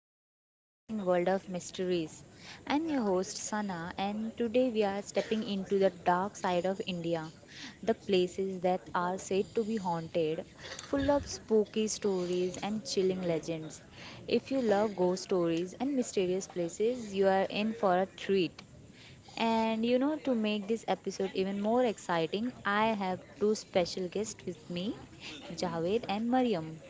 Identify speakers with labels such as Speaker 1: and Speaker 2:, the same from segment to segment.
Speaker 1: to the amazing world of mysteries. I'm your host, Sana, and today we are stepping into the dark side of India, the places that are said to be haunted, full of spooky stories and chilling legends. If you love ghost stories and mysterious places, you are in for a treat. And you know, to make this episode even more exciting, I have two special guests with me, Javed and Mariam.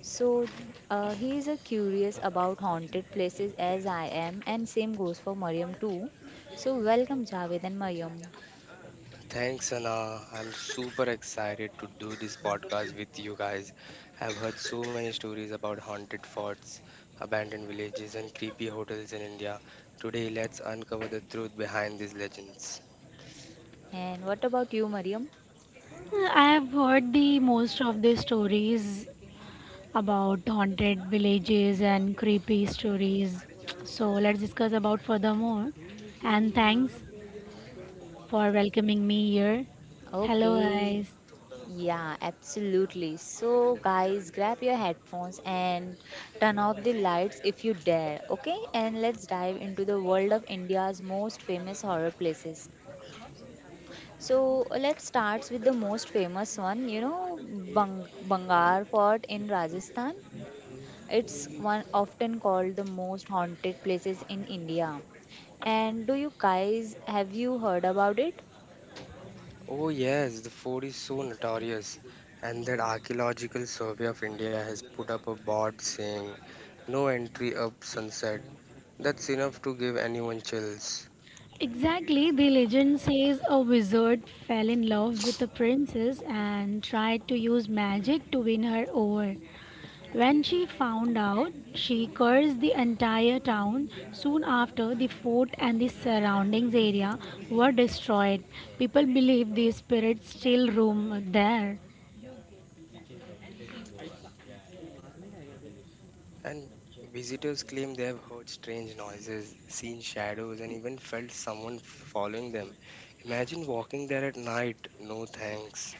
Speaker 1: So he is a curious about haunted places as I am, and same goes for Mariam too. So welcome Javed and Mariam.
Speaker 2: Thanks, Sana. I'm super excited to do this podcast with you guys. I've heard so many stories about haunted forts, abandoned villages, and creepy hotels in India. Today, let's uncover the truth behind these legends.
Speaker 1: And what about you, Mariam?
Speaker 3: I have heard the most of the stories about haunted villages and creepy stories. So let's discuss about furthermore. And thanks for welcoming me here. Hello
Speaker 1: Okay.
Speaker 3: guys.
Speaker 1: Yeah, absolutely. So guys, grab your headphones and turn off the lights if you dare, okay? And let's dive into the world of India's most famous horror places. So let's start with the most famous one, you know, Bangar Fort in Rajasthan. It's one often called the most haunted places in India. And do you guys have you heard about it?
Speaker 2: Oh, yes, the fort is so notorious, and that Archaeological Survey of India has put up a board saying, "No entry up sunset." That's enough to give anyone chills.
Speaker 3: Exactly, the legend says a wizard fell in love with a princess and tried to use magic to win her over. When she found out, she cursed the entire town. Soon after, the fort and the surroundings area were destroyed. People believe the spirits still roam there.
Speaker 2: And visitors claim they have heard strange noises, seen shadows, and even felt someone following them. Imagine walking there at night. No thanks.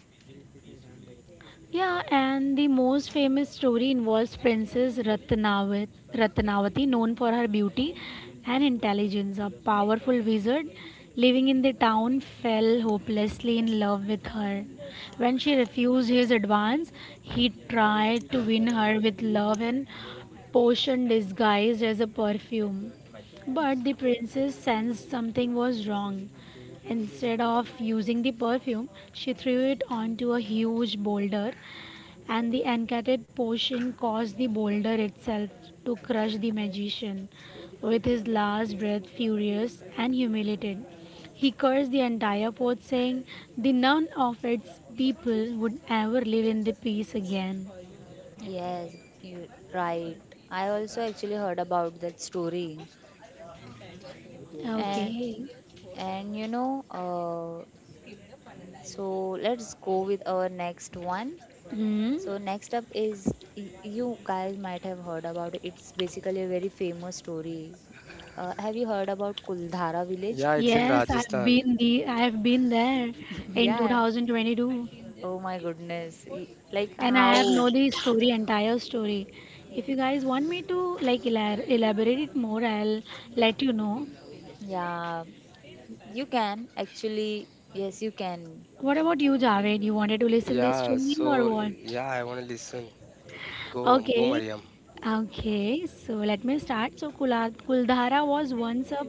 Speaker 3: Yeah, and the most famous story involves Princess Ratnavati, known for her beauty and intelligence. A powerful wizard living in the town fell hopelessly in love with her. When she refused his advance, he tried to win her with love and potion disguised as a perfume. But the princess sensed something was wrong. Instead of using the perfume, she threw it onto a huge boulder, and the enchanted potion caused the boulder itself to crush the magician. With his last breath, furious and humiliated, he cursed the entire fort, saying, the none of its people would ever live in the peace again.
Speaker 1: Yes, you right. I also actually heard about that story. And
Speaker 3: Okay.
Speaker 1: and you know, so let's go with our next one.
Speaker 3: Hmm.
Speaker 1: So next up is, you guys might have heard about it. It's basically a very famous story. Have you heard about Kuldhara village?
Speaker 2: Yeah, it's in
Speaker 3: Yes,
Speaker 2: Rajasthan.
Speaker 3: I've been there in
Speaker 1: Yeah.
Speaker 3: 2022.
Speaker 1: Oh my goodness. Like
Speaker 3: And
Speaker 1: how?
Speaker 3: I have know the story, entire story. If you guys want me to like elaborate it more, I'll let you know.
Speaker 1: Yeah, you can actually. Yes, you can.
Speaker 3: What about you, Javed? You wanted to listen this
Speaker 2: Yeah,
Speaker 3: story or
Speaker 2: so
Speaker 3: what?
Speaker 2: yeah, I want to listen. Go, go,
Speaker 3: Okay.
Speaker 2: Mariam.
Speaker 3: Okay, so let me start. So Kuldhara was once a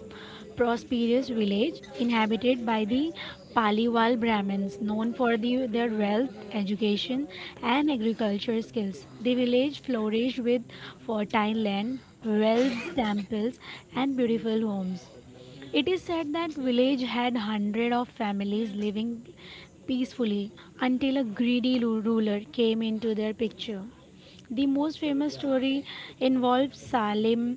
Speaker 3: prosperous village inhabited by the Paliwal Brahmins, known for their wealth, education, and agriculture skills. The village flourished with fertile land, wells, temples, and beautiful homes. It is said that village had hundred of families living peacefully until a greedy ruler came into their picture. The most famous story involves Salim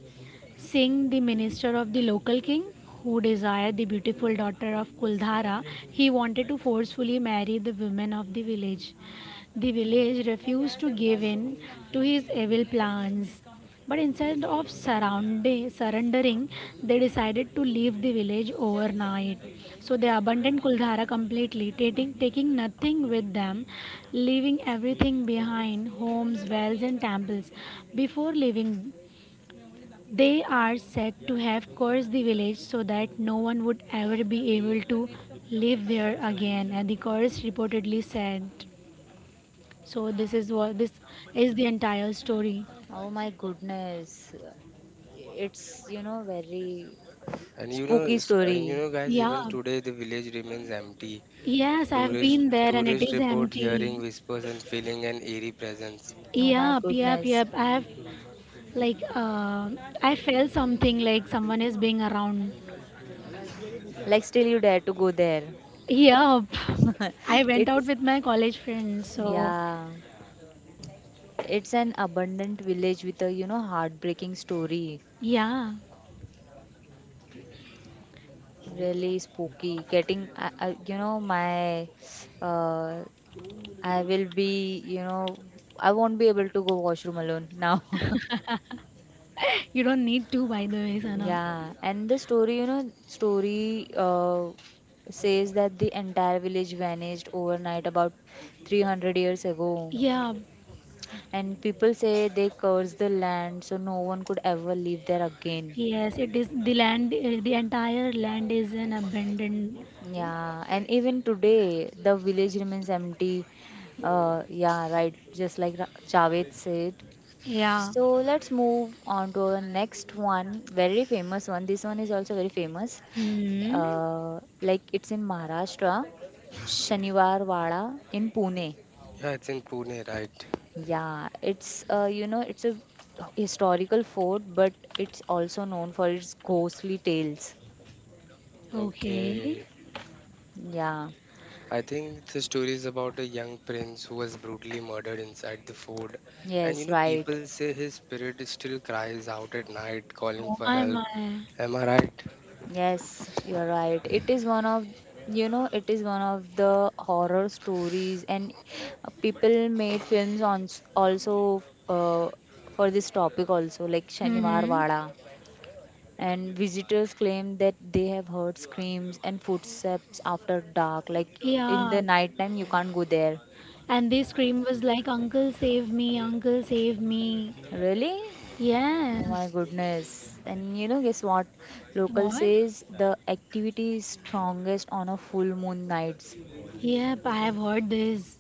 Speaker 3: Singh, the minister of the local king, who desired the beautiful daughter of Kuldhara. He wanted to forcefully marry the women of the village. The village refused to give in to his evil plans. But instead of surrendering, they decided to leave the village overnight. So they abandoned Kuldhara completely, taking nothing with them, leaving everything behind homes, wells, and temples. Before leaving, they are said to have cursed the village so that no one would ever be able to live there again, and the curse reportedly said. So this is the entire story.
Speaker 1: Oh my goodness. It's, you know, very
Speaker 2: And you know,
Speaker 1: spooky story.
Speaker 2: guys, even
Speaker 3: Yeah.
Speaker 2: today the village remains empty.
Speaker 3: Yes, I've
Speaker 2: Tourist,
Speaker 3: been there and it
Speaker 2: tourist
Speaker 3: is
Speaker 2: report hearing
Speaker 3: empty.
Speaker 2: whispers and feeling an eerie presence.
Speaker 1: Oh my
Speaker 3: Yep, yep,
Speaker 1: goodness.
Speaker 3: yep. I've Like I felt something like someone is being around.
Speaker 1: Like still you dare to go there.
Speaker 3: Yep. I went out
Speaker 1: It's,
Speaker 3: with my college friends, so
Speaker 1: yeah. It's an abundant village with a, you know, heartbreaking story.
Speaker 3: yeah.
Speaker 1: Really spooky. Getting, you know, my uh, I will be, you know, I won't be able to go washroom alone now.
Speaker 3: You don't need to by the way, Sana.
Speaker 1: Yeah, and the story, you know, story says that the entire village vanished overnight about 300 years ago.
Speaker 3: Yeah.
Speaker 1: And people say they cursed the land so no one could ever live there again.
Speaker 3: Yes, it is the land, the entire land is an abandoned,
Speaker 1: Yeah, and even today the village remains empty. Yeah, right, just like Javed said.
Speaker 3: yeah.
Speaker 1: So let's move on to our next one, very famous one. This one is also very famous.
Speaker 3: Hmm.
Speaker 1: Like it's in Maharashtra, Shaniwar Wada in Pune.
Speaker 2: Yeah, it's in Pune, right?
Speaker 1: Yeah, it's you know, it's a historical fort, but it's also known for its ghostly tales.
Speaker 3: Okay.
Speaker 2: Okay.
Speaker 1: Yeah,
Speaker 2: I think the story is about a young prince who was brutally murdered inside the fort. And you
Speaker 1: yes,
Speaker 2: know,
Speaker 1: right.
Speaker 2: people say his spirit still cries out at night, calling
Speaker 3: Oh
Speaker 2: for
Speaker 3: my
Speaker 2: help.
Speaker 3: my.
Speaker 2: Am I right?
Speaker 1: Yes, you're right. It is one of, you know, it is one of the horror stories, and people made films on also for this topic also, like Shaniwar
Speaker 3: Hmm.
Speaker 1: Wada. And visitors claim that they have heard screams and footsteps after dark, like in the
Speaker 3: Yeah.
Speaker 1: night time you can't go there.
Speaker 3: And this scream was like, "Uncle, save me, Uncle, save me."
Speaker 1: Really? Oh my
Speaker 3: Yes.
Speaker 1: goodness. And you know, guess what? Local
Speaker 3: What?
Speaker 1: says the activity is strongest on a full moon nights.
Speaker 3: Yep, I have
Speaker 2: Mm.
Speaker 3: heard this.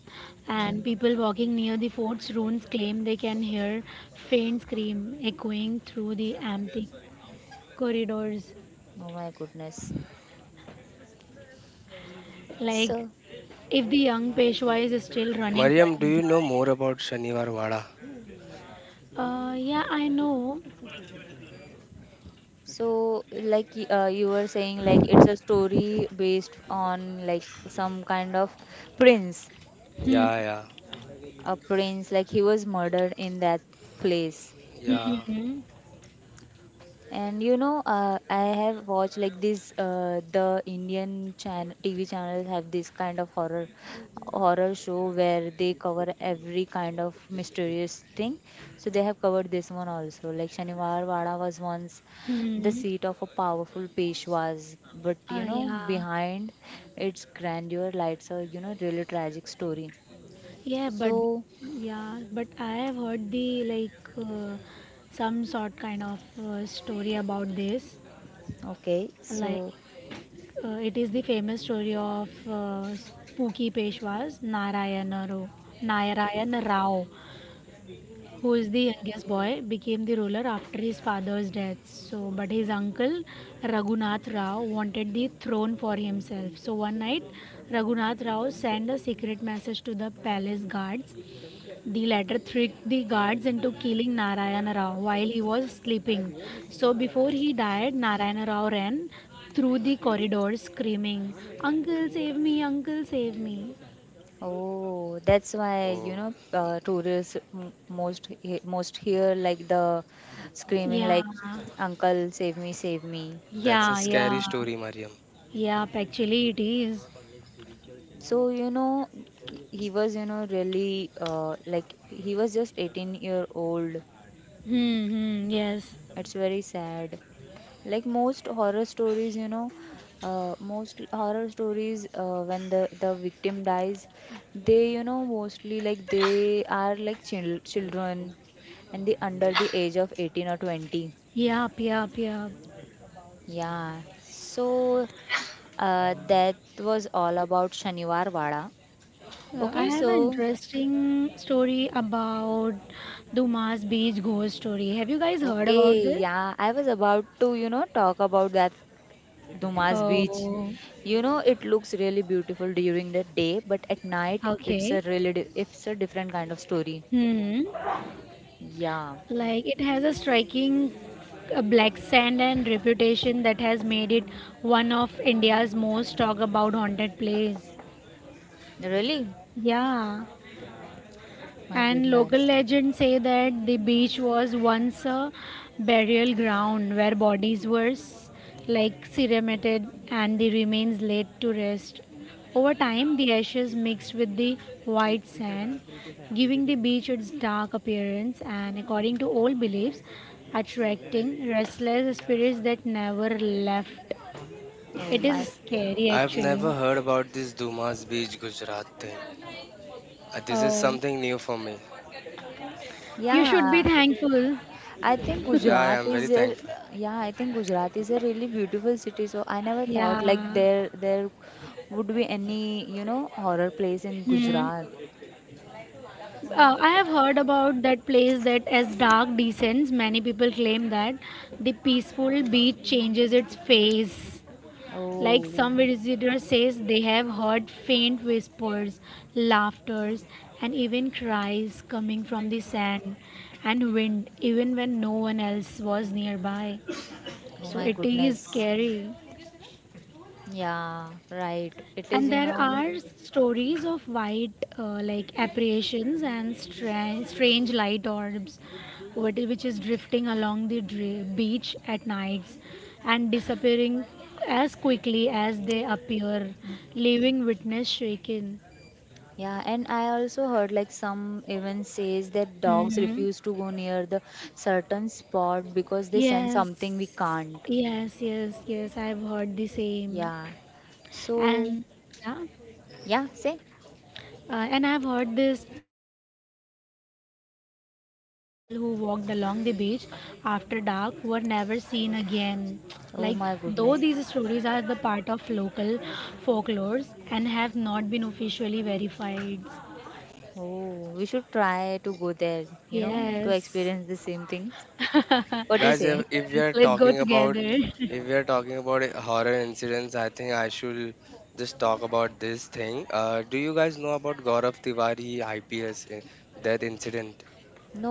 Speaker 3: And
Speaker 1: Hmm.
Speaker 3: people walking near the fort's ruins claim they can hear faint scream echoing through the empty corridors.
Speaker 1: Oh my goodness.
Speaker 3: Like
Speaker 1: So,
Speaker 3: if the young Peshwa is still running for
Speaker 2: Mariam, do
Speaker 3: his
Speaker 2: you know more
Speaker 3: life.
Speaker 2: about Shaniwar Wada?
Speaker 3: Yeah, I know.
Speaker 1: so, you were saying, like it's a story based on like some kind of prince,
Speaker 3: Hmm.
Speaker 2: Yeah,
Speaker 1: a prince, like he was murdered in that place.
Speaker 2: yeah, yeah.
Speaker 3: Hmm.
Speaker 1: And you know, I have watched like this. The Indian TV channels have this kind of horror show where they cover every kind of mysterious thing. So they have covered this one also. Like Shaniwar Wada was once the
Speaker 3: Hmm.
Speaker 1: seat of a powerful Peshwas, but you know,
Speaker 3: Yeah.
Speaker 1: behind its grandeur lies a, you know, really tragic story.
Speaker 3: Yeah, but
Speaker 1: So
Speaker 3: yeah, but I have heard the like some sort kind of story about this.
Speaker 1: okay,
Speaker 3: Like
Speaker 1: so
Speaker 3: it is the famous story of Spooky Peshwas Narayan Rao, who is the youngest boy, became the ruler after his father's death. So, but his uncle Raghunath Rao wanted the throne for himself. So one night, Raghunath Rao sent a secret message to the palace guards. The latter tricked the guards into killing Narayana Rao while he was sleeping. So before he died, Narayana Rao ran through the corridors screaming, "Uncle, save me, Uncle, save me."
Speaker 1: oh, that's why, you
Speaker 2: Oh,
Speaker 1: know, tourists most most hear like the screaming
Speaker 3: Yeah,
Speaker 1: like, "Uncle, save me, save me."
Speaker 2: that's a
Speaker 3: yeah, yeah.
Speaker 2: scary story, Mariam.
Speaker 3: Yep, actually it is.
Speaker 1: So, you know, he was, you know, really, like he was just 18-year-old.
Speaker 3: Hmm, hmm, yes.
Speaker 1: It's very sad. Like most horror stories, you know, most horror stories when the victim dies, they, you know, mostly like they are like children and they under the age of 18 or 20.
Speaker 3: Yep, yep, yep.
Speaker 1: Yeah, so that was all about Shaniwar Wada.
Speaker 3: I
Speaker 1: Okay,
Speaker 3: have an
Speaker 1: so
Speaker 3: interesting story about Dumas Beach ghost story. Have you guys heard about
Speaker 1: okay,
Speaker 3: this?
Speaker 1: yeah, I was about to, you know, talk about that Dumas Beach.
Speaker 3: Oh,
Speaker 1: You know, it looks really beautiful during the day, but at night it's a
Speaker 3: okay.
Speaker 1: really it's a different kind of story.
Speaker 3: Hmm.
Speaker 1: Yeah.
Speaker 3: Like it has a striking black sand and reputation that has made it one of India's most talked about haunted place.
Speaker 1: Really?
Speaker 3: Yeah.
Speaker 1: My
Speaker 3: And local
Speaker 1: goodness.
Speaker 3: legends say that the beach was once a burial ground where bodies were like cremated and the remains laid to rest. Over time, the ashes mixed with the white sand, giving the beach its dark appearance and, according to old beliefs, attracting restless spirits that never left.
Speaker 1: Oh
Speaker 3: It
Speaker 1: my.
Speaker 3: is scary
Speaker 2: I've
Speaker 3: actually.
Speaker 2: never heard about this Dumas Beach, Gujarat thing. This is
Speaker 3: Oh,
Speaker 2: something new for me.
Speaker 3: you should be
Speaker 1: Yeah.
Speaker 3: thankful.
Speaker 1: I think
Speaker 2: Yeah, I
Speaker 1: Gujarat
Speaker 2: am very
Speaker 1: is a
Speaker 2: thankful.
Speaker 1: yeah, I think Gujarat is a really beautiful city. So I never thought like
Speaker 3: Yeah.
Speaker 1: there would be any, you know, horror place in
Speaker 3: Hmm.
Speaker 1: Gujarat.
Speaker 3: I have heard about that place that as dark descends, many people claim that the peaceful beach changes its face. Like some
Speaker 1: Oh.
Speaker 3: visitors says they have heard faint whispers, laughters and even cries coming from the sand and wind even when no one else was nearby.
Speaker 1: Oh
Speaker 3: So
Speaker 1: my
Speaker 3: it is
Speaker 1: goodness.
Speaker 3: scary.
Speaker 1: Yeah, right. It
Speaker 3: And
Speaker 1: is, you
Speaker 3: there
Speaker 1: know.
Speaker 3: are stories of white, like apparitions and strange light orbs, which is drifting along the beach at nights and disappearing as quickly as they appear, leaving witness shaken.
Speaker 1: Yeah, and I also heard like some even says that dogs
Speaker 3: Hmm.
Speaker 1: refuse to go near the certain spot because they sense something we
Speaker 3: Yes,
Speaker 1: can't.
Speaker 3: yes, yes, yes. I've heard the same,
Speaker 1: Yeah. So,
Speaker 3: and yeah.
Speaker 1: yeah, say,
Speaker 3: And I've heard this, like some tall tales even claim that few people who walked along the beach after dark were never seen again.
Speaker 1: oh
Speaker 3: Like,
Speaker 1: my
Speaker 3: though
Speaker 1: goodness.
Speaker 3: these stories are the part of local folklores and have not been officially verified.
Speaker 1: Oh, we should try to go there, you know, to
Speaker 3: Yes.
Speaker 1: experience the same things.
Speaker 3: Yes,
Speaker 1: What do you
Speaker 2: Guys,
Speaker 1: say?
Speaker 2: if we are
Speaker 3: let's go
Speaker 2: talking about,
Speaker 3: together.
Speaker 2: if we are talking about horror incidents, I think I should just talk about this thing. Do you guys know about Gaurav Tiwari, IPS, that incident?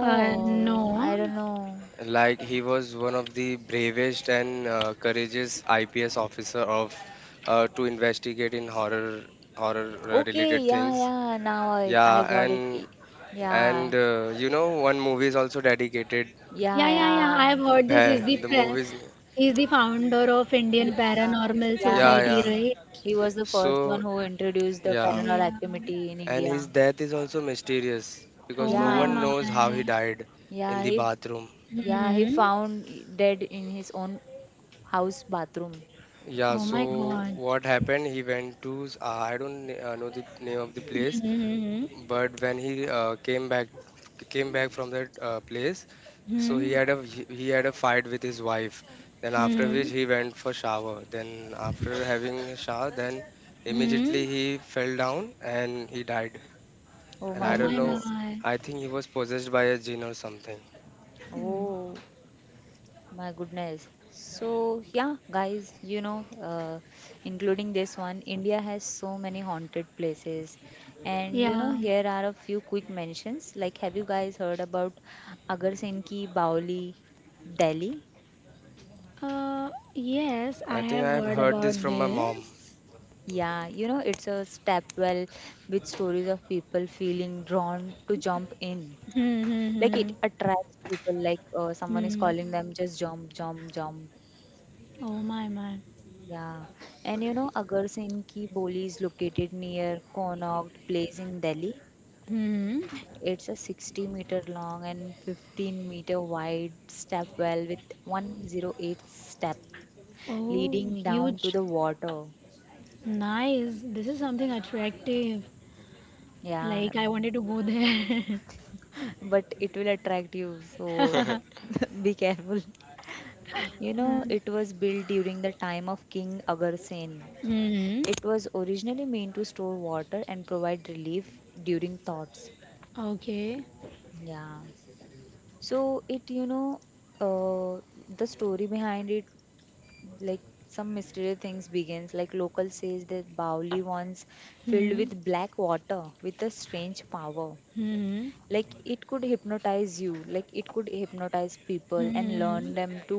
Speaker 3: No.
Speaker 1: I don't know.
Speaker 2: Like, he was one of the bravest and courageous IPS officer of, to investigate in horror
Speaker 1: Okay,
Speaker 2: related
Speaker 1: yeah,
Speaker 2: things.
Speaker 1: yeah, now I
Speaker 2: Yeah,
Speaker 1: got
Speaker 2: and
Speaker 1: it. Yeah.
Speaker 2: you know, one movie is also dedicated.
Speaker 1: Yeah,
Speaker 3: Yeah, yeah, yeah.
Speaker 1: yeah.
Speaker 3: I've heard this.
Speaker 2: Bhai, the movies.
Speaker 3: He's the founder of
Speaker 1: Yeah.
Speaker 3: Indian Paranormal
Speaker 1: Yeah.
Speaker 2: Yeah,
Speaker 3: Society,
Speaker 2: yeah,
Speaker 3: right?
Speaker 1: He was the first one
Speaker 2: so
Speaker 1: who introduced the
Speaker 2: yeah.
Speaker 1: paranormal
Speaker 3: Yeah.
Speaker 1: activity in
Speaker 2: And his
Speaker 1: India.
Speaker 2: death is also mysterious because
Speaker 3: Oh
Speaker 2: no
Speaker 3: my
Speaker 2: one
Speaker 1: Yeah,
Speaker 3: my.
Speaker 2: knows how he died in
Speaker 1: yeah,
Speaker 2: the
Speaker 1: he, f-
Speaker 2: bathroom.
Speaker 1: yeah, he
Speaker 3: Hmm.
Speaker 1: found dead in his own house bathroom.
Speaker 2: Yeah,
Speaker 3: Oh my
Speaker 2: so
Speaker 3: God.
Speaker 2: what happened? He went to, I don't know the name of the place,
Speaker 3: Hmm.
Speaker 2: but when he came back from that place, so
Speaker 3: Hmm.
Speaker 2: he had a fight with his wife. Then after which
Speaker 3: Hmm.
Speaker 2: he went for shower. Then after having a shower, then immediately
Speaker 3: Hmm.
Speaker 2: he fell down and he died.
Speaker 1: Oh
Speaker 2: And
Speaker 3: Oh
Speaker 1: my
Speaker 2: I don't
Speaker 3: my
Speaker 2: know,
Speaker 1: goodness.
Speaker 3: my.
Speaker 2: I think he was possessed by a jinn or something.
Speaker 3: Hmm.
Speaker 1: Oh my goodness. So yeah, guys, you know, including this one, India has so many haunted places, and you know,
Speaker 3: Yeah.
Speaker 1: here are a few quick mentions. Like, have you guys heard about Agar Singh ki Baoli, Delhi?
Speaker 3: Yes, I
Speaker 2: I think
Speaker 3: have
Speaker 2: I have
Speaker 3: heard
Speaker 2: heard this
Speaker 3: about
Speaker 2: from my mom.
Speaker 3: this.
Speaker 1: Yeah, you know, it's a stepwell with stories of people feeling drawn to jump in.
Speaker 3: Hmm.
Speaker 1: Like it
Speaker 3: Hmm.
Speaker 1: attracts people, like someone is
Speaker 3: Hmm. Hmm.
Speaker 1: calling them, just jump, jump, jump.
Speaker 3: Oh my my.
Speaker 1: Yeah. And you know, Agar Singh Ki Boli is located near Connaught Place in Delhi.
Speaker 3: Hmm.
Speaker 1: It's a 60-meter long and 15-meter wide stepwell with 108 step
Speaker 3: Oh,
Speaker 1: leading down to
Speaker 3: huge.
Speaker 1: the water.
Speaker 3: Nice. This is something attractive.
Speaker 1: Yeah,
Speaker 3: Like I wanted to go there.
Speaker 1: but it will attract you. So
Speaker 2: I
Speaker 1: be careful. You know, it was built during the time of King Agarsen.
Speaker 3: Hmm.
Speaker 1: It was originally meant to store water and provide relief during thoughts.
Speaker 3: Okay.
Speaker 1: Yeah. So it, you know, uh, the story behind it, like some mysterious things begins. Like local says that Bauli once filled
Speaker 3: Hmm.
Speaker 1: with black water with a strange power.
Speaker 3: Hmm.
Speaker 1: Like it could hypnotize people and learn
Speaker 3: Hmm.
Speaker 1: them to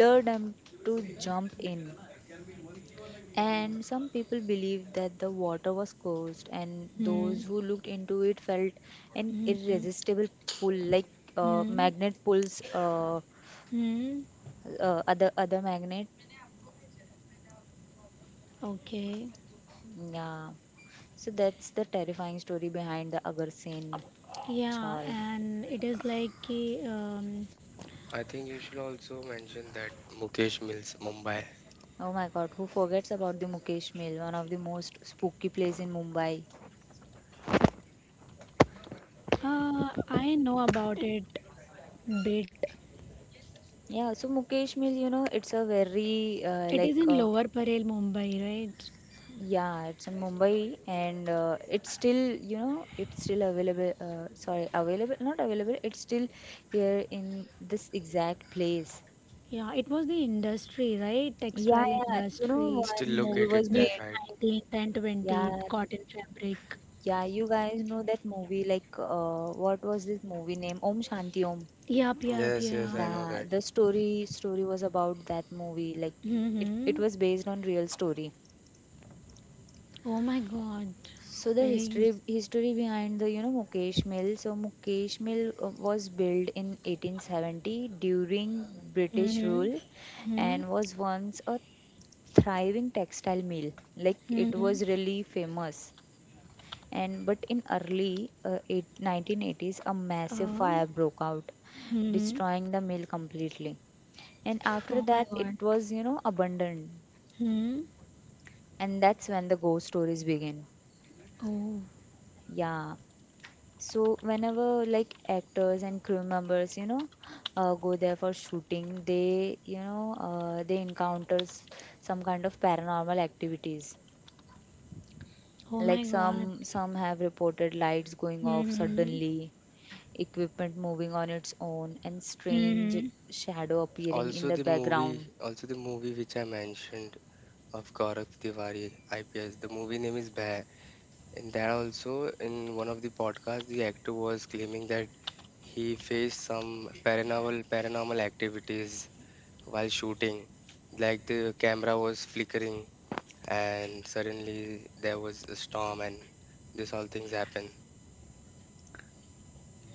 Speaker 1: lure them to jump in, and some people believed that the water was cursed, and
Speaker 3: Hmm. Hmm. Hmm.
Speaker 1: those who looked into it felt an
Speaker 3: Hmm. Hmm.
Speaker 1: irresistible pull like
Speaker 3: Hmm. Hmm.
Speaker 1: magnet pulls,
Speaker 3: Hmm. Hmm. Hmm. Hmm. Hmm. Hmm. Hmm. Hmm. Hmm. Hmm. Hmm. Hmm. Hmm.
Speaker 1: other magnet.
Speaker 3: Hmm. Okay.
Speaker 1: Yeah, so that's the terrifying story behind the Agar Sen
Speaker 3: Yeah,
Speaker 1: Chal.
Speaker 3: and it is like कि,
Speaker 2: think you should also mention that Mukesh Mills, Mumbai.
Speaker 1: Oh my god, who forgets about the Mukesh Mill, one of the most spooky place in Mumbai?
Speaker 3: I know about it bit.
Speaker 1: Yeah, so Mukesh Mill, you know, it's a very
Speaker 3: It is in Lower Parel, Mumbai, right?
Speaker 1: yeah, it's in Mumbai and it's still, you know, it's still available, sorry, available not available, it's still here in this exact place.
Speaker 3: Yeah, it was the industry, right?
Speaker 1: Yeah,
Speaker 3: Textile
Speaker 1: yeah, you know,
Speaker 2: It's
Speaker 3: industry
Speaker 2: still
Speaker 1: one movie
Speaker 2: located
Speaker 1: was
Speaker 3: during
Speaker 2: there,
Speaker 1: made.
Speaker 2: right?
Speaker 3: 19th and
Speaker 1: Yeah,
Speaker 3: 20th, cotton fabric.
Speaker 1: yeah, you guys know that movie like, what was this movie name? Om Shanti Om.
Speaker 3: Yup, yup,
Speaker 2: Yes, yes, I
Speaker 3: yeah.
Speaker 2: know
Speaker 1: Yeah,
Speaker 2: that.
Speaker 1: the story was about that movie like it
Speaker 3: Mm-hmm.
Speaker 1: was based on real story.
Speaker 3: Oh my God,
Speaker 1: So
Speaker 3: it
Speaker 1: the
Speaker 3: is.
Speaker 1: history behind the, you know, Mukesh Mill. So Mukesh Mill was built in 1870 during British
Speaker 3: Mm-hmm.
Speaker 1: rule,
Speaker 3: Hmm.
Speaker 1: and was once a thriving textile mill. Like it
Speaker 3: Hmm.
Speaker 1: was really famous. And but in early 1980s, a massive
Speaker 3: Oh.
Speaker 1: fire broke out,
Speaker 3: Hmm.
Speaker 1: destroying the mill completely. And after
Speaker 3: Oh my
Speaker 1: that, it
Speaker 3: God.
Speaker 1: was, you know, abandoned,
Speaker 3: Hmm.
Speaker 1: and that's when the ghost stories begin.
Speaker 3: Oh.
Speaker 1: Yeah, so whenever like actors and crew members, you know, go there for shooting, they, you know, they encounters some kind of paranormal activities.
Speaker 3: Oh
Speaker 1: Like
Speaker 3: my God.
Speaker 1: some have reported lights going off
Speaker 3: Hmm.
Speaker 1: suddenly, equipment moving on its own, and strange
Speaker 3: Hmm.
Speaker 1: shadow appearing in the background.
Speaker 2: Also the movie which I mentioned of Gaurav Tiwari, IPS. The movie name is Bhai. In that also, in one of the podcasts, the actor was claiming that he faced some paranormal activities while shooting, like the camera was flickering and suddenly there was a storm and this all things happen.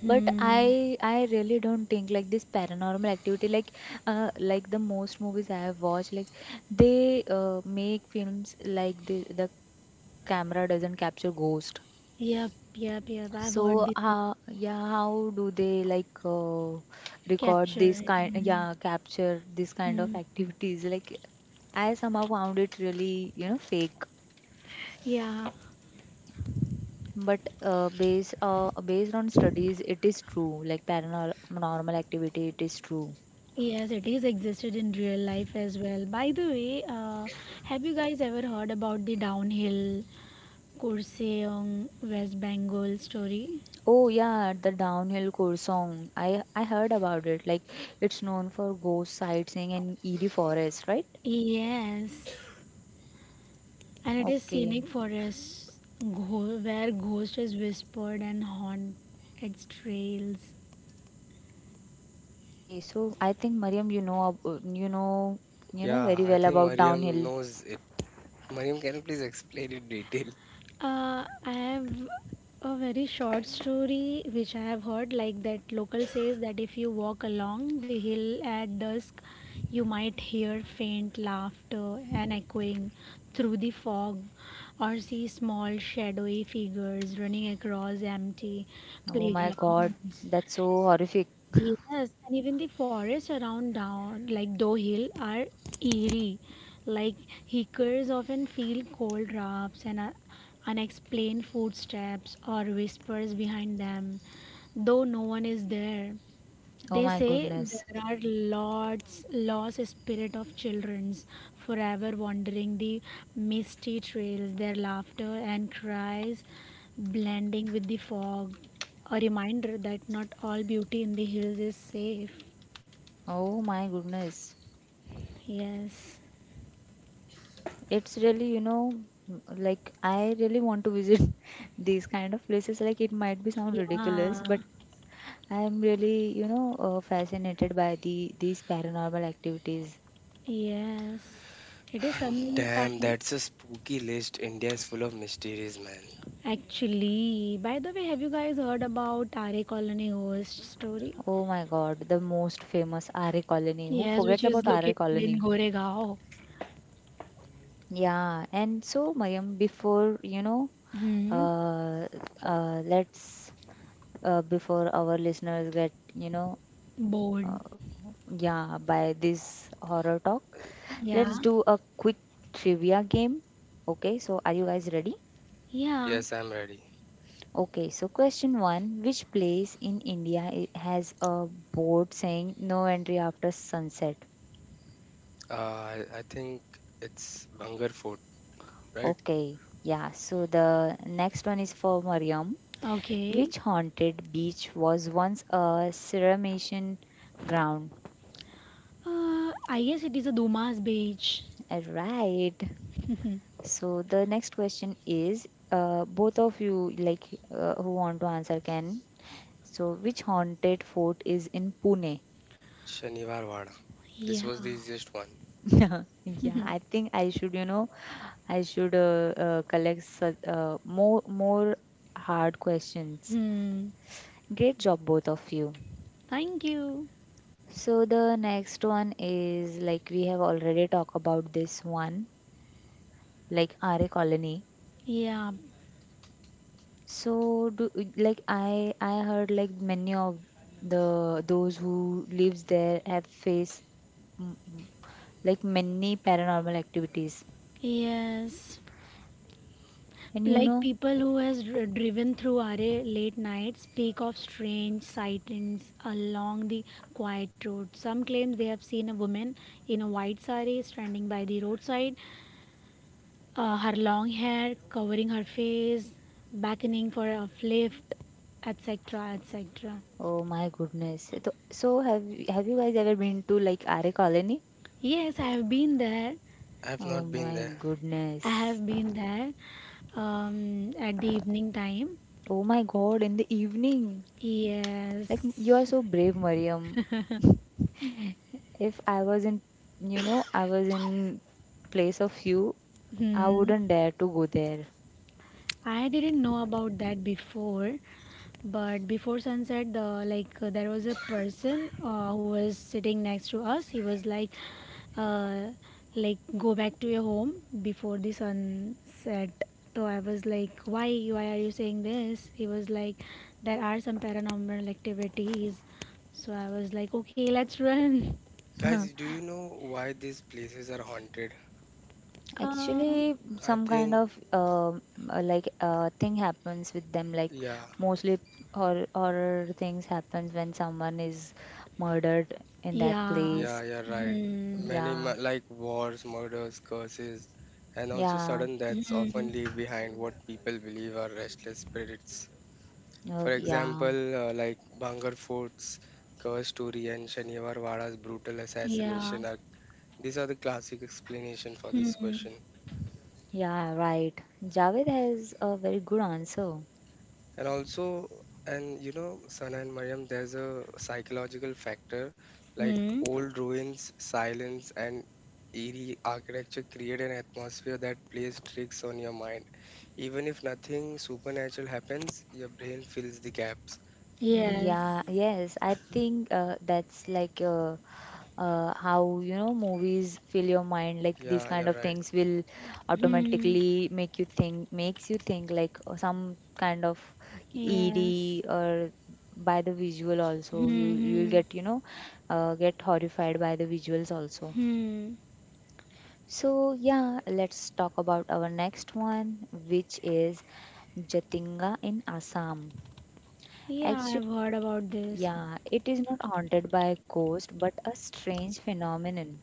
Speaker 1: But
Speaker 3: Hmm.
Speaker 1: I really don't think like this paranormal activity, like the most movies I have watched, like they make films like the camera doesn't capture ghost.
Speaker 3: Yep. Yep. Yep. I've
Speaker 1: So
Speaker 3: heard this.
Speaker 1: how, yeah, how do they like record
Speaker 3: Capture
Speaker 1: this
Speaker 3: it.
Speaker 1: kind,
Speaker 3: Hmm.
Speaker 1: yeah, capture this kind of
Speaker 3: Hmm.
Speaker 1: activities? Like I somehow found it really, you know, fake,
Speaker 3: Yeah.
Speaker 1: but based on studies, it is true, like paranormal activity, it is true.
Speaker 3: Yes, it is existed in real life as well. By the way, have you guys ever heard about the downhill Kurseong West Bengal story?
Speaker 1: Oh yeah, the downhill Korsong, I heard about it, like it's known for ghost sightseeing and eerie forest, right?
Speaker 3: Yes. And it is
Speaker 1: Okay.
Speaker 3: scenic forest where ghost is whispered and haunt its trails.
Speaker 1: Okay, so I think Mariam, you know, you know, you know
Speaker 2: Yeah,
Speaker 1: very
Speaker 2: I
Speaker 1: well
Speaker 2: think
Speaker 1: about
Speaker 2: Mariam
Speaker 1: downhill.
Speaker 2: knows it. Mariam, can you please explain in detail?
Speaker 3: I have a very short story which I have heard like that local says that if you walk along the hill at dusk, you might hear faint laughter and echoing through the fog or see small shadowy figures running across empty
Speaker 1: Oh my God,
Speaker 3: playgrounds.
Speaker 1: that's so horrific.
Speaker 3: Yes, and even the forests around down like Doe Hill are eerie. Like hikers often feel cold drafts and are unexplained footsteps or whispers behind them, though no one is there.
Speaker 1: Oh
Speaker 3: They
Speaker 1: my
Speaker 3: say
Speaker 1: goodness.
Speaker 3: there are lots lost spirit of childrens forever wandering the misty trails, their laughter and cries blending with the fog. A reminder that not all beauty in the hills is safe.
Speaker 1: Oh my goodness.
Speaker 3: Yes.
Speaker 1: It's really, you know, like I really want to visit these kind of places. Like it might be sound ridiculous,
Speaker 3: Yeah.
Speaker 1: but I'm really, you know, fascinated by the these paranormal activities.
Speaker 3: Yes. It is some
Speaker 2: Damn,
Speaker 3: kind.
Speaker 2: that's a spooky list. India is full of mysteries, man.
Speaker 3: Actually, by the way, have you guys heard about Tare Colony ghost story?
Speaker 1: Oh my God, the most famous RA colony. Who
Speaker 3: Yes, which
Speaker 1: forgets
Speaker 3: is
Speaker 1: about
Speaker 3: located
Speaker 1: RA
Speaker 3: in
Speaker 1: colony?
Speaker 3: Goregaon.
Speaker 1: Yeah, and so Mayam, before you know,
Speaker 3: Hmm.
Speaker 1: uh, let's before our listeners get, you know, uh,
Speaker 3: Board.
Speaker 1: yeah, by this horror talk, let's
Speaker 3: Yeah.
Speaker 1: do a quick trivia game. Okay, so are you guys ready?
Speaker 3: Yeah.
Speaker 2: Yes, I'm ready.
Speaker 1: Okay, so question one: which place in India has a board saying "No entry after sunset"?
Speaker 2: I think it's Bangar Fort, right?
Speaker 1: Okay, yeah. So the next one is for Mariam.
Speaker 3: Okay.
Speaker 1: Which haunted beach was once a cremation ground?
Speaker 3: I guess it is a Dumas beach.
Speaker 1: Right. So the next question is, both of you like, who want to answer can. So which haunted fort is in Pune?
Speaker 2: Shaniwar Wada. This
Speaker 3: Yeah.
Speaker 2: was the easiest one.
Speaker 1: Yeah, I think I should, you know, I should collect more hard questions.
Speaker 3: Hmm.
Speaker 1: Great job, both of you.
Speaker 3: Thank you.
Speaker 1: So the next one is like we have already talked about this one, like RA colony.
Speaker 3: Yeah.
Speaker 1: So do like I heard like many of the those who lives there have faced mm, mm, like many paranormal activities.
Speaker 3: Yes.
Speaker 1: And you
Speaker 3: Like
Speaker 1: know,
Speaker 3: people who has driven through RA late nights speak of strange sightings along the quiet road. Some claim they have seen a woman in a white sari standing by the roadside, her long hair covering her face, beckoning for a lift, etc., etc.
Speaker 1: oh my goodness. So, so have you guys ever been to like RA colony?
Speaker 3: Yes, I have been there.
Speaker 2: I have
Speaker 1: Oh
Speaker 2: not been
Speaker 1: my
Speaker 2: there.
Speaker 3: I
Speaker 1: goodness.
Speaker 3: have been there at the evening time.
Speaker 1: Oh my God, in the evening. Like you are
Speaker 3: Yes.
Speaker 1: so brave, Mariam. If I was in, you know, I was in place of you, I
Speaker 3: Hmm.
Speaker 1: wouldn't dare to go there.
Speaker 3: I didn't know about that before, but before sunset, the like there was a person who was sitting next to us. He was uh, like go back to your home before the sunset. So I was like, why are you saying this? He was like, there are some paranormal activities. So I was like, okay, let's run.
Speaker 2: Guys, do you know why these places are haunted?
Speaker 3: Um,
Speaker 1: Actually,
Speaker 2: I
Speaker 1: some kind
Speaker 2: think,
Speaker 1: of thing happens with them. Like
Speaker 2: yeah.
Speaker 1: mostly horror things happens when someone is murdered in that
Speaker 3: Yeah.
Speaker 2: Yeah,
Speaker 1: place.
Speaker 2: you're right.
Speaker 3: Hmm.
Speaker 2: Many
Speaker 1: Yeah,
Speaker 2: like wars, murders, curses, and also
Speaker 1: yeah,
Speaker 2: sudden deaths often
Speaker 3: Hmm.
Speaker 2: leave behind what people believe are restless spirits.
Speaker 1: oh,
Speaker 2: For
Speaker 1: yeah,
Speaker 2: example, like Bhangar Fort's curse story and Shaniwar Wada's brutal
Speaker 3: Yeah.
Speaker 2: assassination are, these are the classic explanation for this
Speaker 3: Hmm.
Speaker 2: question.
Speaker 1: yeah. Right. Javed has a very good answer.
Speaker 2: And also, and you know, Sana and Mariam, there's a psychological factor like
Speaker 3: Hmm.
Speaker 2: old ruins, silence, and eerie architecture create an atmosphere that plays tricks on your mind. Even if nothing supernatural happens, your brain fills the gaps.
Speaker 3: Yes.
Speaker 1: Yeah, yes, I think that's like how you know movies fill your mind. Like these
Speaker 2: Yeah,
Speaker 1: kind
Speaker 2: you're
Speaker 1: of
Speaker 2: right.
Speaker 1: things will
Speaker 3: Hmm.
Speaker 1: automatically make you makes you think like some kind of
Speaker 3: Yes.
Speaker 1: eerie or by the visual
Speaker 3: Hmm.
Speaker 1: also. You'll
Speaker 3: Hmm.
Speaker 1: get you know get horrified by the visuals also.
Speaker 3: Hmm.
Speaker 1: So yeah, let's talk about our next one, which is Jatinga in Assam.
Speaker 3: Yeah,
Speaker 1: Actually.
Speaker 3: I've heard about this.
Speaker 1: Yeah, it is not haunted by a ghost, but a strange phenomenon.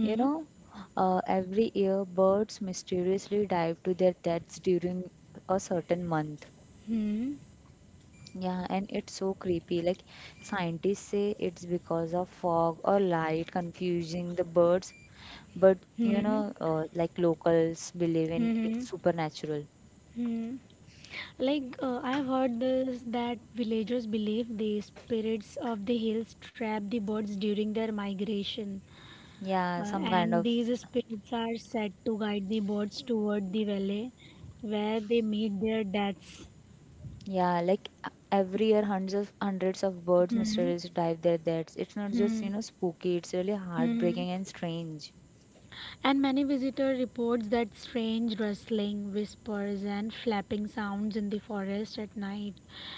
Speaker 1: You know, every year birds mysteriously dive to their deaths during a certain month.
Speaker 3: Hmm.
Speaker 1: Yeah, and it's so creepy. Like scientists say it's because of fog or light confusing the birds, but you
Speaker 3: Hmm.
Speaker 1: know, like locals believe in
Speaker 3: Hmm.
Speaker 1: it's supernatural.
Speaker 3: Hmm. Like I've heard this that villagers believe the spirits of the hills trap the birds during their migration,
Speaker 1: Yeah,
Speaker 3: uh,
Speaker 1: some kind
Speaker 3: and
Speaker 1: of.
Speaker 3: these spirits are said to guide the birds toward the valley, where they meet their deaths.
Speaker 1: Yeah, like every year hundreds of birds
Speaker 3: Hmm.
Speaker 1: mysteriously dive their deaths. It's not
Speaker 3: Hmm.
Speaker 1: just,
Speaker 3: Hmm.
Speaker 1: you know, spooky, it's really
Speaker 3: Hmm.
Speaker 1: heartbreaking and strange.
Speaker 3: And many visitor reports that strange rustling, whispers and flapping sounds in the forest at night.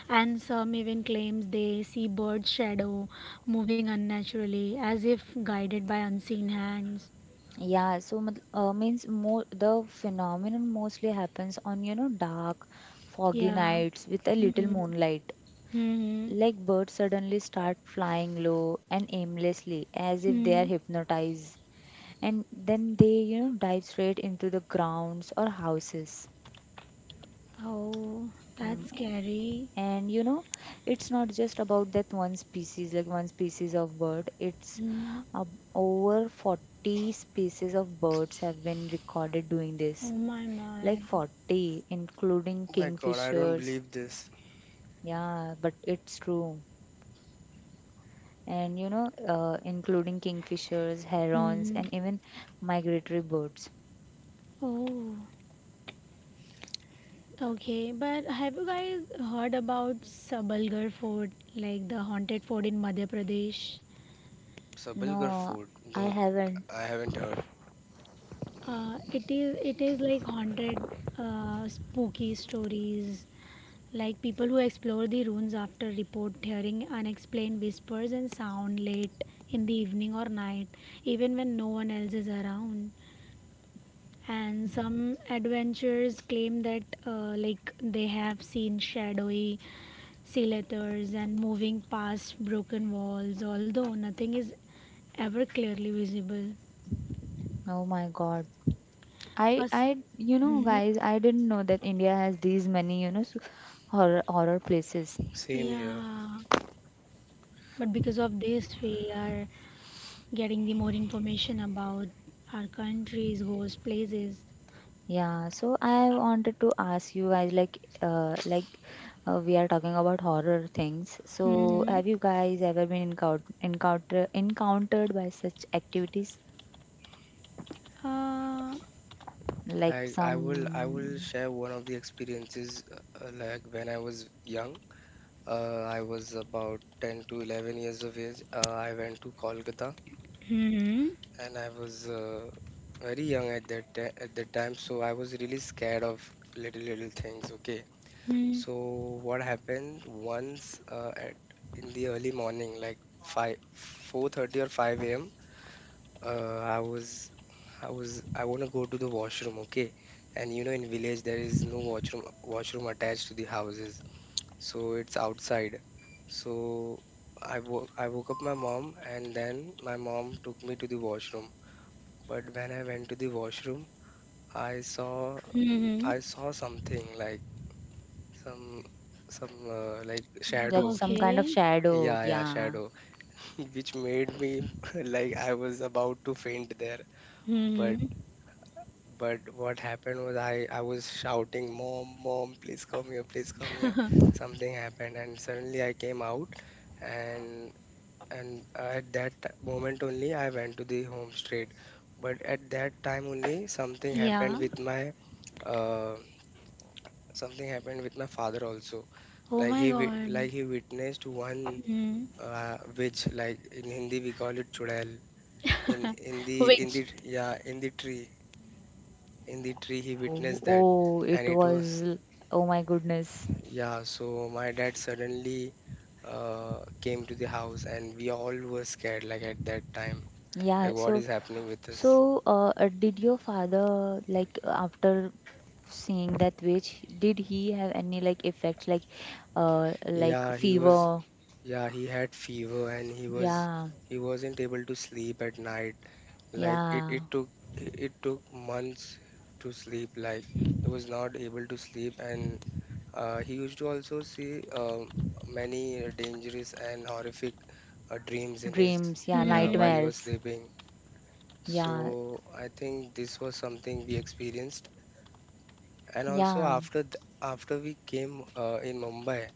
Speaker 3: And some even claims they see bird shadow moving unnaturally as if guided by unseen hands.
Speaker 1: Yeah, so means more the phenomenon mostly happens on, you know, dark, foggy
Speaker 3: Yeah.
Speaker 1: nights with a little
Speaker 3: Hmm.
Speaker 1: moonlight.
Speaker 3: Hmm.
Speaker 1: Like birds suddenly start flying low and aimlessly as if they
Speaker 3: Hmm.
Speaker 1: are hypnotized. And then they, you know, dive straight into the grounds or houses.
Speaker 3: Oh, that's
Speaker 1: Hmm,
Speaker 3: scary.
Speaker 1: and you know it's not just about that one species, like one species of bird. It's
Speaker 3: Hmm.
Speaker 1: uh, over 40 species of birds have been recorded doing
Speaker 3: Oh
Speaker 1: this,
Speaker 3: my my.
Speaker 1: like 40 including
Speaker 2: Oh my god, I don't
Speaker 1: kingfishers.
Speaker 2: believe this.
Speaker 1: Yeah, but it's true. And you know, including kingfishers, herons
Speaker 3: Hmm.
Speaker 1: and even migratory birds.
Speaker 3: Oh. Okay, but have you guys heard about Sabalgarh Fort, like the haunted fort in Madhya Pradesh?
Speaker 2: Sabalgar
Speaker 1: No,
Speaker 2: food?
Speaker 1: I
Speaker 2: No,
Speaker 1: haven't.
Speaker 2: I haven't heard.
Speaker 3: It is like haunted, spooky stories, like people who explore the ruins after report hearing unexplained whispers and sound late in the evening or night, even when no one else is around. And some adventurers claim that like they have seen shadowy sea letters and moving past broken walls although nothing is ever clearly visible.
Speaker 1: Oh my god, I
Speaker 3: Us-
Speaker 1: I you know
Speaker 3: Mhm.
Speaker 1: guys, I didn't know that India has these many, you know, so horror places.
Speaker 2: Same here.
Speaker 3: Yeah, but because of this we are getting the more information about our countries ghost places.
Speaker 1: Yeah, so I wanted to ask you guys like we are talking about horror things. So
Speaker 3: Hmm.
Speaker 1: have you guys ever been encountered by such activities
Speaker 3: uh,
Speaker 1: like
Speaker 2: Like, I will
Speaker 1: some,
Speaker 2: share one of the experiences, like when I was young. I was about 10 to 11 years of age. I went to Kolkata
Speaker 3: hmm.
Speaker 2: and I was very young at at that time, so I was really scared of little little things. Okay,
Speaker 3: Hmm.
Speaker 2: so what happened once, at in the early morning, like five, 4:30 or 5 a.m. Uh, I was I want to go to the washroom. Okay, and you know, in village there is no washroom attached to the houses, so it's outside. So I woke up my mom and then my mom took me to the washroom. But when I went to the washroom, I saw
Speaker 3: Hmm.
Speaker 2: I saw something like some some like
Speaker 1: like
Speaker 2: shadow.
Speaker 1: some kind of
Speaker 3: Okay.
Speaker 1: shadow?
Speaker 2: Yeah, yeah,
Speaker 1: Yeah.
Speaker 2: shadow, which made me like I was about to faint there. But
Speaker 3: Hmm.
Speaker 2: but what happened was, I was shouting, "Mom, mom, please come here, please come here." Something happened and suddenly I came out, and moment only I went to the home straight. But at that time only, something
Speaker 3: Yeah.
Speaker 2: happened with my, uh, something happened with my father also,
Speaker 3: Oh
Speaker 2: like
Speaker 3: my god.
Speaker 2: like he witnessed one,
Speaker 3: Hmm.
Speaker 2: which like in Hindi we call it chudail, in
Speaker 3: Which?
Speaker 2: the yeah, in the tree. In the tree he
Speaker 1: Oh,
Speaker 2: witnessed that, and it was,
Speaker 1: oh my goodness.
Speaker 2: yeah, so my dad suddenly came to the house and we all were scared. Like at that time,
Speaker 1: Yeah,
Speaker 2: like, what
Speaker 1: so.
Speaker 2: is happening with us?
Speaker 1: So, did your father, like, after seeing that witch, did he have any, like, effects, like
Speaker 2: yeah he was
Speaker 1: fever?
Speaker 2: Yeah, he had fever and he was,
Speaker 1: Yeah,
Speaker 2: he wasn't able to sleep at night. Like it
Speaker 1: yeah,
Speaker 2: took, it took months to sleep. Like he was not able to sleep, and he used to also see, um, many dangerous and horrific dreams in his,
Speaker 1: dreams, yeah,
Speaker 2: yeah,
Speaker 3: Hmm.
Speaker 2: while he was
Speaker 1: nightmares.
Speaker 2: sleeping. So
Speaker 1: Yeah,
Speaker 2: I think this was something we experienced. And also
Speaker 1: yeah.
Speaker 2: after th after we came in Mumbai,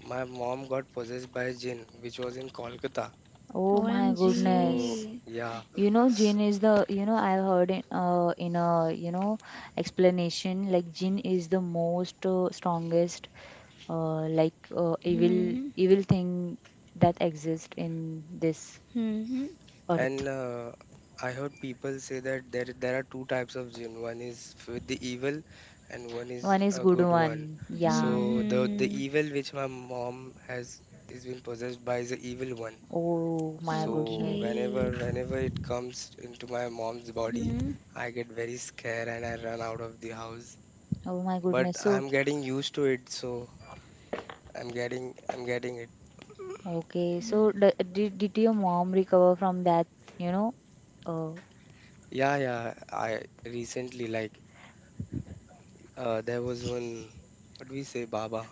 Speaker 2: my mom got possessed by a jinn, which was in Kolkata.
Speaker 1: Oh my
Speaker 2: So
Speaker 1: goodness.
Speaker 3: OMG.
Speaker 2: yeah.
Speaker 1: You know,
Speaker 2: S,
Speaker 1: gin is the, you know, I've heard in a, you know, explanation like gin is the most strongest, evil,
Speaker 3: Hmm.
Speaker 1: evil thing that exists in this
Speaker 3: Hmm.
Speaker 2: and
Speaker 1: earth.
Speaker 2: I heard people say that there are two types of jinn. One is with the evil, and one is
Speaker 1: One is
Speaker 2: a
Speaker 1: good
Speaker 2: good one.
Speaker 1: one. Yeah.
Speaker 2: So the
Speaker 3: Hmm.
Speaker 2: evil which my mom has is been possessed by is the evil one.
Speaker 1: Oh my
Speaker 2: So
Speaker 1: goodness.
Speaker 2: whenever
Speaker 3: Okay.
Speaker 2: whenever it comes into my mom's body,
Speaker 3: Hmm.
Speaker 2: I get very scared and I run out of the house.
Speaker 1: Oh my
Speaker 2: But
Speaker 1: goodness. So,
Speaker 2: I'm getting used to it, so I'm getting it.
Speaker 1: okay. So, did your mom recover from that, you know? Uh,
Speaker 2: Yeah, yeah. I recently like. There was one, what we say, Baba.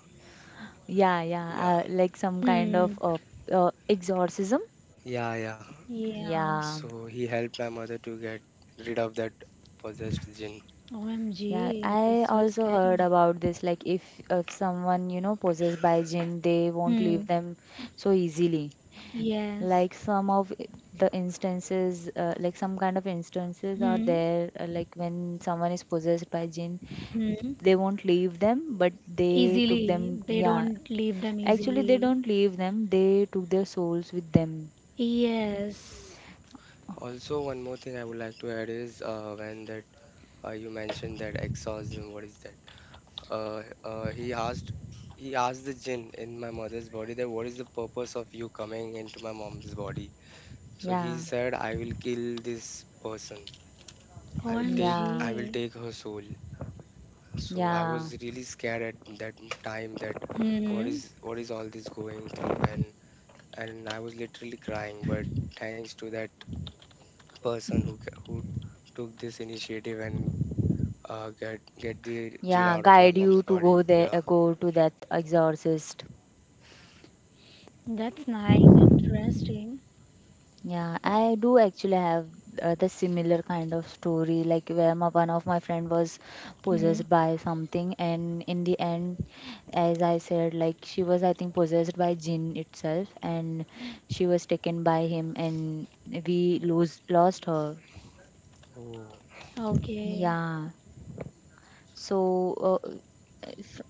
Speaker 1: yeah, yeah.
Speaker 2: Yeah,
Speaker 1: Like some kind
Speaker 3: Hmm.
Speaker 1: of exorcism?
Speaker 2: yeah, yeah.
Speaker 3: Yeah.
Speaker 1: Yeah.
Speaker 2: So he helped my mother to get rid of that possessed jinn.
Speaker 1: Yeah,
Speaker 3: OMG.
Speaker 1: I
Speaker 3: It's so
Speaker 1: also
Speaker 3: scary.
Speaker 1: heard about this. Like, if someone you know possessed by jinn, they won't
Speaker 3: Hmm.
Speaker 1: leave them so easily.
Speaker 3: Yes.
Speaker 1: Like some of the instances, like some kind of instances are
Speaker 3: Hmm.
Speaker 1: there. Like when someone is possessed by jinn,
Speaker 3: Hmm.
Speaker 1: they won't leave them, but they took them.
Speaker 3: Easily. They
Speaker 1: Yeah,
Speaker 3: don't leave them
Speaker 1: actually, they
Speaker 3: easily.
Speaker 1: don't leave them. They took their souls with them.
Speaker 3: Yes.
Speaker 2: Also, one more thing I would like to add is, when that you mentioned that exorcism, what is that? Uh, uh, he asked, he asked the jinn in my mother's body that what is the purpose of you coming into my mom's body? So he
Speaker 1: Yeah,
Speaker 2: said, I will kill this person.
Speaker 1: yeah,
Speaker 2: I will
Speaker 3: OMG.
Speaker 2: take her soul. So I
Speaker 1: yeah,
Speaker 2: was really scared at that time that
Speaker 3: Hmm.
Speaker 2: what is all this going through, and I was literally crying. But thanks to that person who who took this initiative and get the gene
Speaker 1: yeah.
Speaker 2: out of my
Speaker 1: Guide
Speaker 2: mom's
Speaker 1: you to
Speaker 2: body.
Speaker 1: go there,
Speaker 2: Yeah.
Speaker 1: go to that exorcist.
Speaker 3: That's nice. Interesting.
Speaker 1: Yeah, I do actually have the similar kind of story, like where my one of my friend was
Speaker 3: Hmm.
Speaker 1: possessed by something, and in the end, as I said, like she was I think possessed by jinn itself, and she was taken by him, and we lose lost her.
Speaker 2: Oh.
Speaker 3: Okay.
Speaker 1: Yeah. So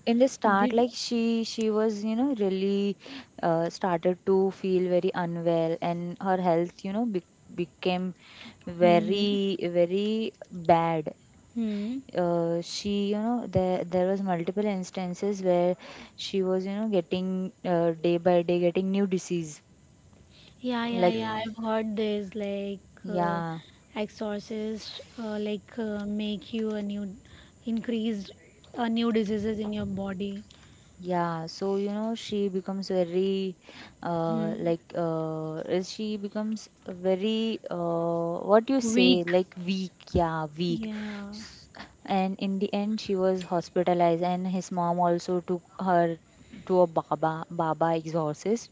Speaker 1: in the start
Speaker 3: Did.
Speaker 1: like she was you know really started to feel very unwell and her health you know became
Speaker 3: Hmm.
Speaker 1: very bad.
Speaker 3: Hmm.
Speaker 1: She you know there was multiple instances where she was you know getting day by day getting new disease
Speaker 3: Yeah, yeah,
Speaker 1: like.
Speaker 3: yeah.
Speaker 2: Okay.
Speaker 3: I've heard this, like uh,
Speaker 1: Yeah.
Speaker 3: exorcist like make you a new increased new diseases in your body.
Speaker 1: Yeah, so you know, she becomes very,
Speaker 3: Hmm.
Speaker 1: she becomes very, what do you say,
Speaker 3: Weak.
Speaker 1: like weak, yeah, weak.
Speaker 3: Yeah.
Speaker 1: And in the end she was hospitalized and his mom also took her to a baba exorcist.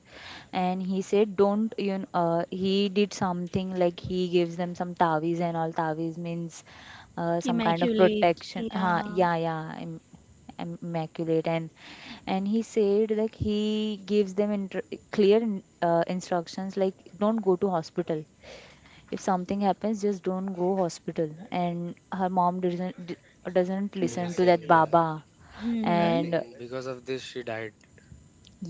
Speaker 1: And he said don't you know he did something like he gives them some taviz and all. Taviz means some kind of
Speaker 3: Immaculate.
Speaker 1: protection, huh,
Speaker 3: Yeah.
Speaker 1: yeah yeah immaculate. And he said like he gives them clear instructions like don't go to hospital, if something happens just don't go hospital. And her mom doesn't
Speaker 2: Didn't
Speaker 1: listen to
Speaker 2: listen.
Speaker 1: that
Speaker 2: Yeah.
Speaker 1: baba.
Speaker 3: Hmm.
Speaker 1: And
Speaker 2: And because of this, she died.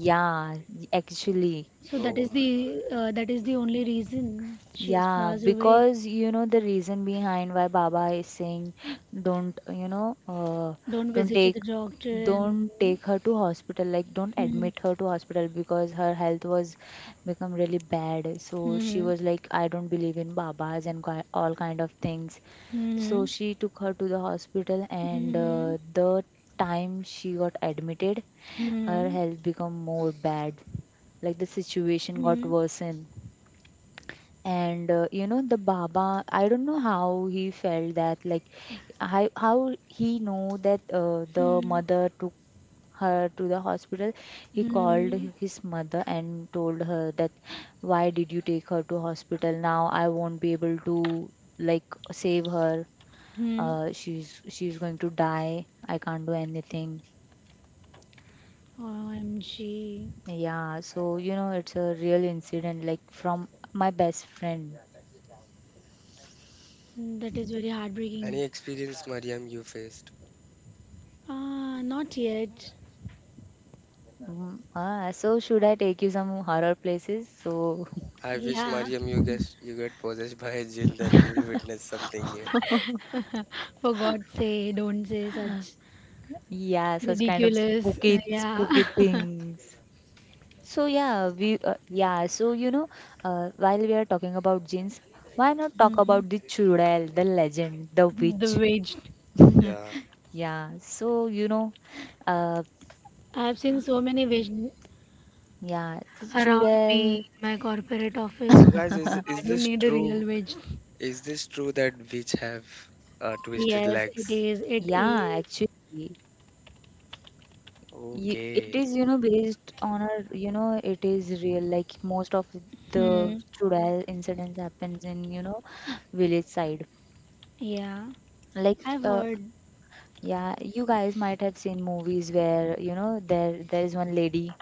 Speaker 1: yeah actually.
Speaker 3: So
Speaker 2: Oh my God.
Speaker 3: that is the only reason she's
Speaker 1: Yeah,
Speaker 3: passed away.
Speaker 1: because you know the reason behind why Baba is saying don't, you know,
Speaker 3: Don't
Speaker 1: don't
Speaker 3: visit to the
Speaker 1: take
Speaker 3: doctor and
Speaker 1: don't take her to hospital like don't
Speaker 3: hmm.
Speaker 1: admit her to hospital, because her health was become really bad. So she
Speaker 3: Hmm.
Speaker 1: was like I don't believe in babas and all kind of things. So
Speaker 3: Hmm.
Speaker 1: she took her to the hospital and
Speaker 3: Hmm.
Speaker 1: the time she got admitted her
Speaker 3: Hmm.
Speaker 1: health become more bad, like the situation got
Speaker 3: Hmm.
Speaker 1: worsened. And you know the baba, I don't know how he felt that like how he know that the
Speaker 3: Hmm.
Speaker 1: mother took her to the hospital. He called
Speaker 3: Hmm.
Speaker 1: his mother and told her that why did you take her to hospital? Now I won't be able to like save her.
Speaker 3: Hmm.
Speaker 1: She's going to die, I can't do anything.
Speaker 3: OMG.
Speaker 1: Yeah, so you know it's a real incident, like from my best friend.
Speaker 3: That is very heartbreaking.
Speaker 2: Any experience, Mariam, you faced?
Speaker 3: Ah, not yet.
Speaker 1: Mm, ah, so should I take you some horror places? So.
Speaker 2: I wish,
Speaker 3: Yeah.
Speaker 2: Mariam, you guess you get possessed by a jinn, then we will witness something new.
Speaker 3: For God's sake, don't say such
Speaker 1: Yeah, such kind of
Speaker 3: ridiculous.
Speaker 1: spooky,
Speaker 3: Yeah.
Speaker 1: spooky things. So yeah, we yeah. So you know, while we are talking about jinns, why not talk
Speaker 3: Hmm.
Speaker 1: about the Chudail, the legend, the
Speaker 3: The
Speaker 1: witch?
Speaker 3: wage.
Speaker 2: Yeah.
Speaker 1: Yeah. So you know, uh,
Speaker 3: I've seen so many wage
Speaker 1: yeah, the
Speaker 3: around me
Speaker 1: Chudail.
Speaker 3: in my corporate office.
Speaker 2: So, guys,
Speaker 3: So I
Speaker 2: is
Speaker 3: don't
Speaker 2: this
Speaker 3: need a
Speaker 2: true?
Speaker 3: real wage.
Speaker 2: Is this true that witch have twisted
Speaker 3: Yes, it
Speaker 2: legs?
Speaker 3: is. It
Speaker 1: Yeah,
Speaker 3: is.
Speaker 1: actually. It
Speaker 2: Okay,
Speaker 1: is, you know, based on a, you know, it is real. Like most of the
Speaker 3: Hmm.
Speaker 1: Chudal incidents happens in, you know, village side.
Speaker 3: Yeah.
Speaker 1: Like,
Speaker 3: I've heard.
Speaker 1: yeah, you guys might have seen movies where, you know, there is one lady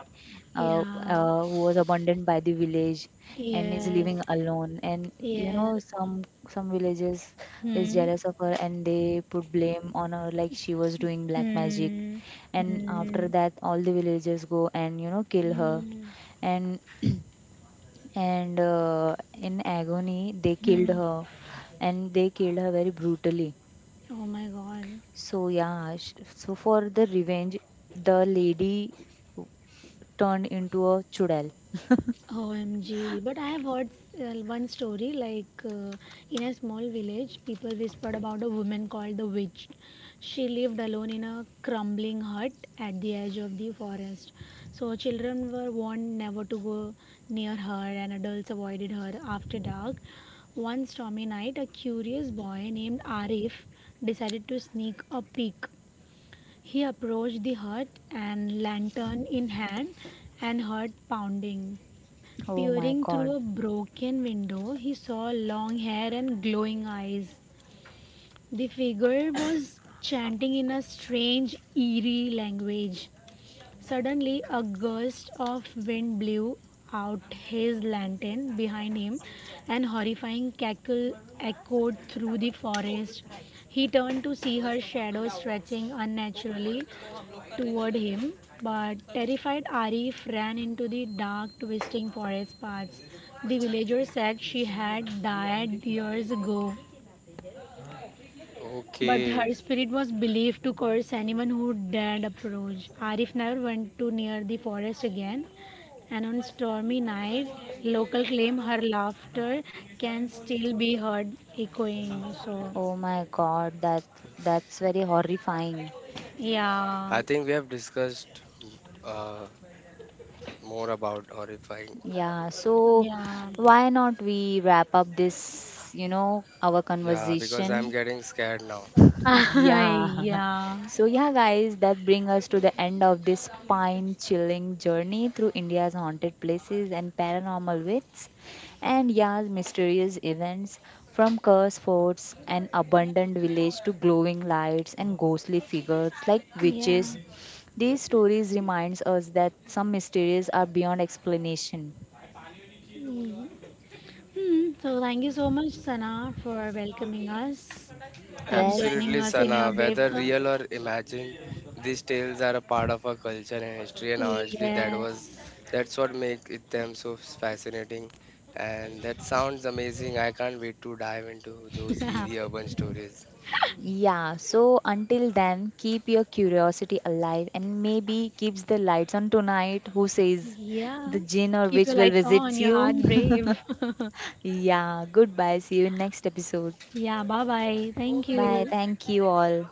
Speaker 3: Yeah.
Speaker 1: who was abandoned by the village and is
Speaker 3: Yes.
Speaker 1: living alone. And you
Speaker 3: Yeah.
Speaker 1: know, some villages is
Speaker 3: Hmm.
Speaker 1: jealous of her and they put blame on her like she was doing black magic.
Speaker 3: Hmm.
Speaker 1: And
Speaker 3: Hmm.
Speaker 1: after that, all the villagers go and you know kill her.
Speaker 3: Hmm.
Speaker 1: And and in agony, they killed
Speaker 3: Hmm.
Speaker 1: her, and they killed her very brutally.
Speaker 3: Oh my god.
Speaker 1: So yeah, so for the revenge, the lady turned into a chudal.
Speaker 3: OMG. But I have heard one story like in a small village, people whispered about a woman called the witch. She lived alone in a crumbling hut at the edge of the forest. So children were warned never to go near her, and adults avoided her after dark. One stormy night, a curious boy named Arif decided to sneak a peek. He approached the hut and lantern in hand and heard pounding.
Speaker 1: Oh my
Speaker 3: Peering through
Speaker 1: God.
Speaker 3: a broken window, he saw long hair and glowing eyes. The figure was chanting in a strange, eerie language. Suddenly, a gust of wind blew out his lantern behind him, and horrifying cackle echoed through the forest. He turned to see her shadow stretching unnaturally toward him, but terrified Arif ran into the dark, twisting forest paths. The villagers said she had died years ago, but her
Speaker 2: okay.
Speaker 3: spirit was believed to curse anyone who dared approach. Arif never went too near the forest again, and on stormy night, local claim her laughter can still be heard echoing. So,
Speaker 1: Oh my God. That that's very horrifying.
Speaker 3: yeah,
Speaker 2: I think we have discussed, uh, more about horrifying.
Speaker 1: Yeah. So
Speaker 3: yeah,
Speaker 1: why not we wrap up this, you know, our
Speaker 2: Yeah, because I'm
Speaker 1: conversation.
Speaker 2: getting scared now.
Speaker 1: Yeah.
Speaker 3: yeah,
Speaker 1: So yeah, guys, that brings us to the end of this spine-chilling journey through India's haunted places and paranormal myths. And yeah, mysterious events from cursed forts and abandoned village to glowing lights and ghostly figures like
Speaker 3: yeah.
Speaker 1: witches. These stories reminds us that some mysteries are beyond explanation.
Speaker 3: Mm. Hmm. So, thank you so much, Sana, for welcoming us and
Speaker 1: Yes.
Speaker 3: joining
Speaker 2: Absolutely,
Speaker 3: us in
Speaker 2: Sana.
Speaker 3: your brave
Speaker 2: Whether
Speaker 3: cup.
Speaker 2: real or imagined, these tales are a part of our culture and history, and honestly,
Speaker 3: Yes.
Speaker 2: that's what makes it them so fascinating. And that sounds amazing. I can't wait to dive into those eerie urban stories.
Speaker 1: Yeah, so until then, keep your curiosity alive and maybe keeps the lights on tonight. Who says
Speaker 3: Yeah.
Speaker 1: the jinn or
Speaker 3: Keep
Speaker 1: witch
Speaker 3: your
Speaker 1: will
Speaker 3: lights on,
Speaker 1: visit
Speaker 3: your
Speaker 1: you?
Speaker 3: heart's brave.
Speaker 1: Yeah, goodbye. See you in next episode.
Speaker 3: Yeah, bye bye. Thank
Speaker 1: Bye.
Speaker 3: you.
Speaker 1: Thank you all.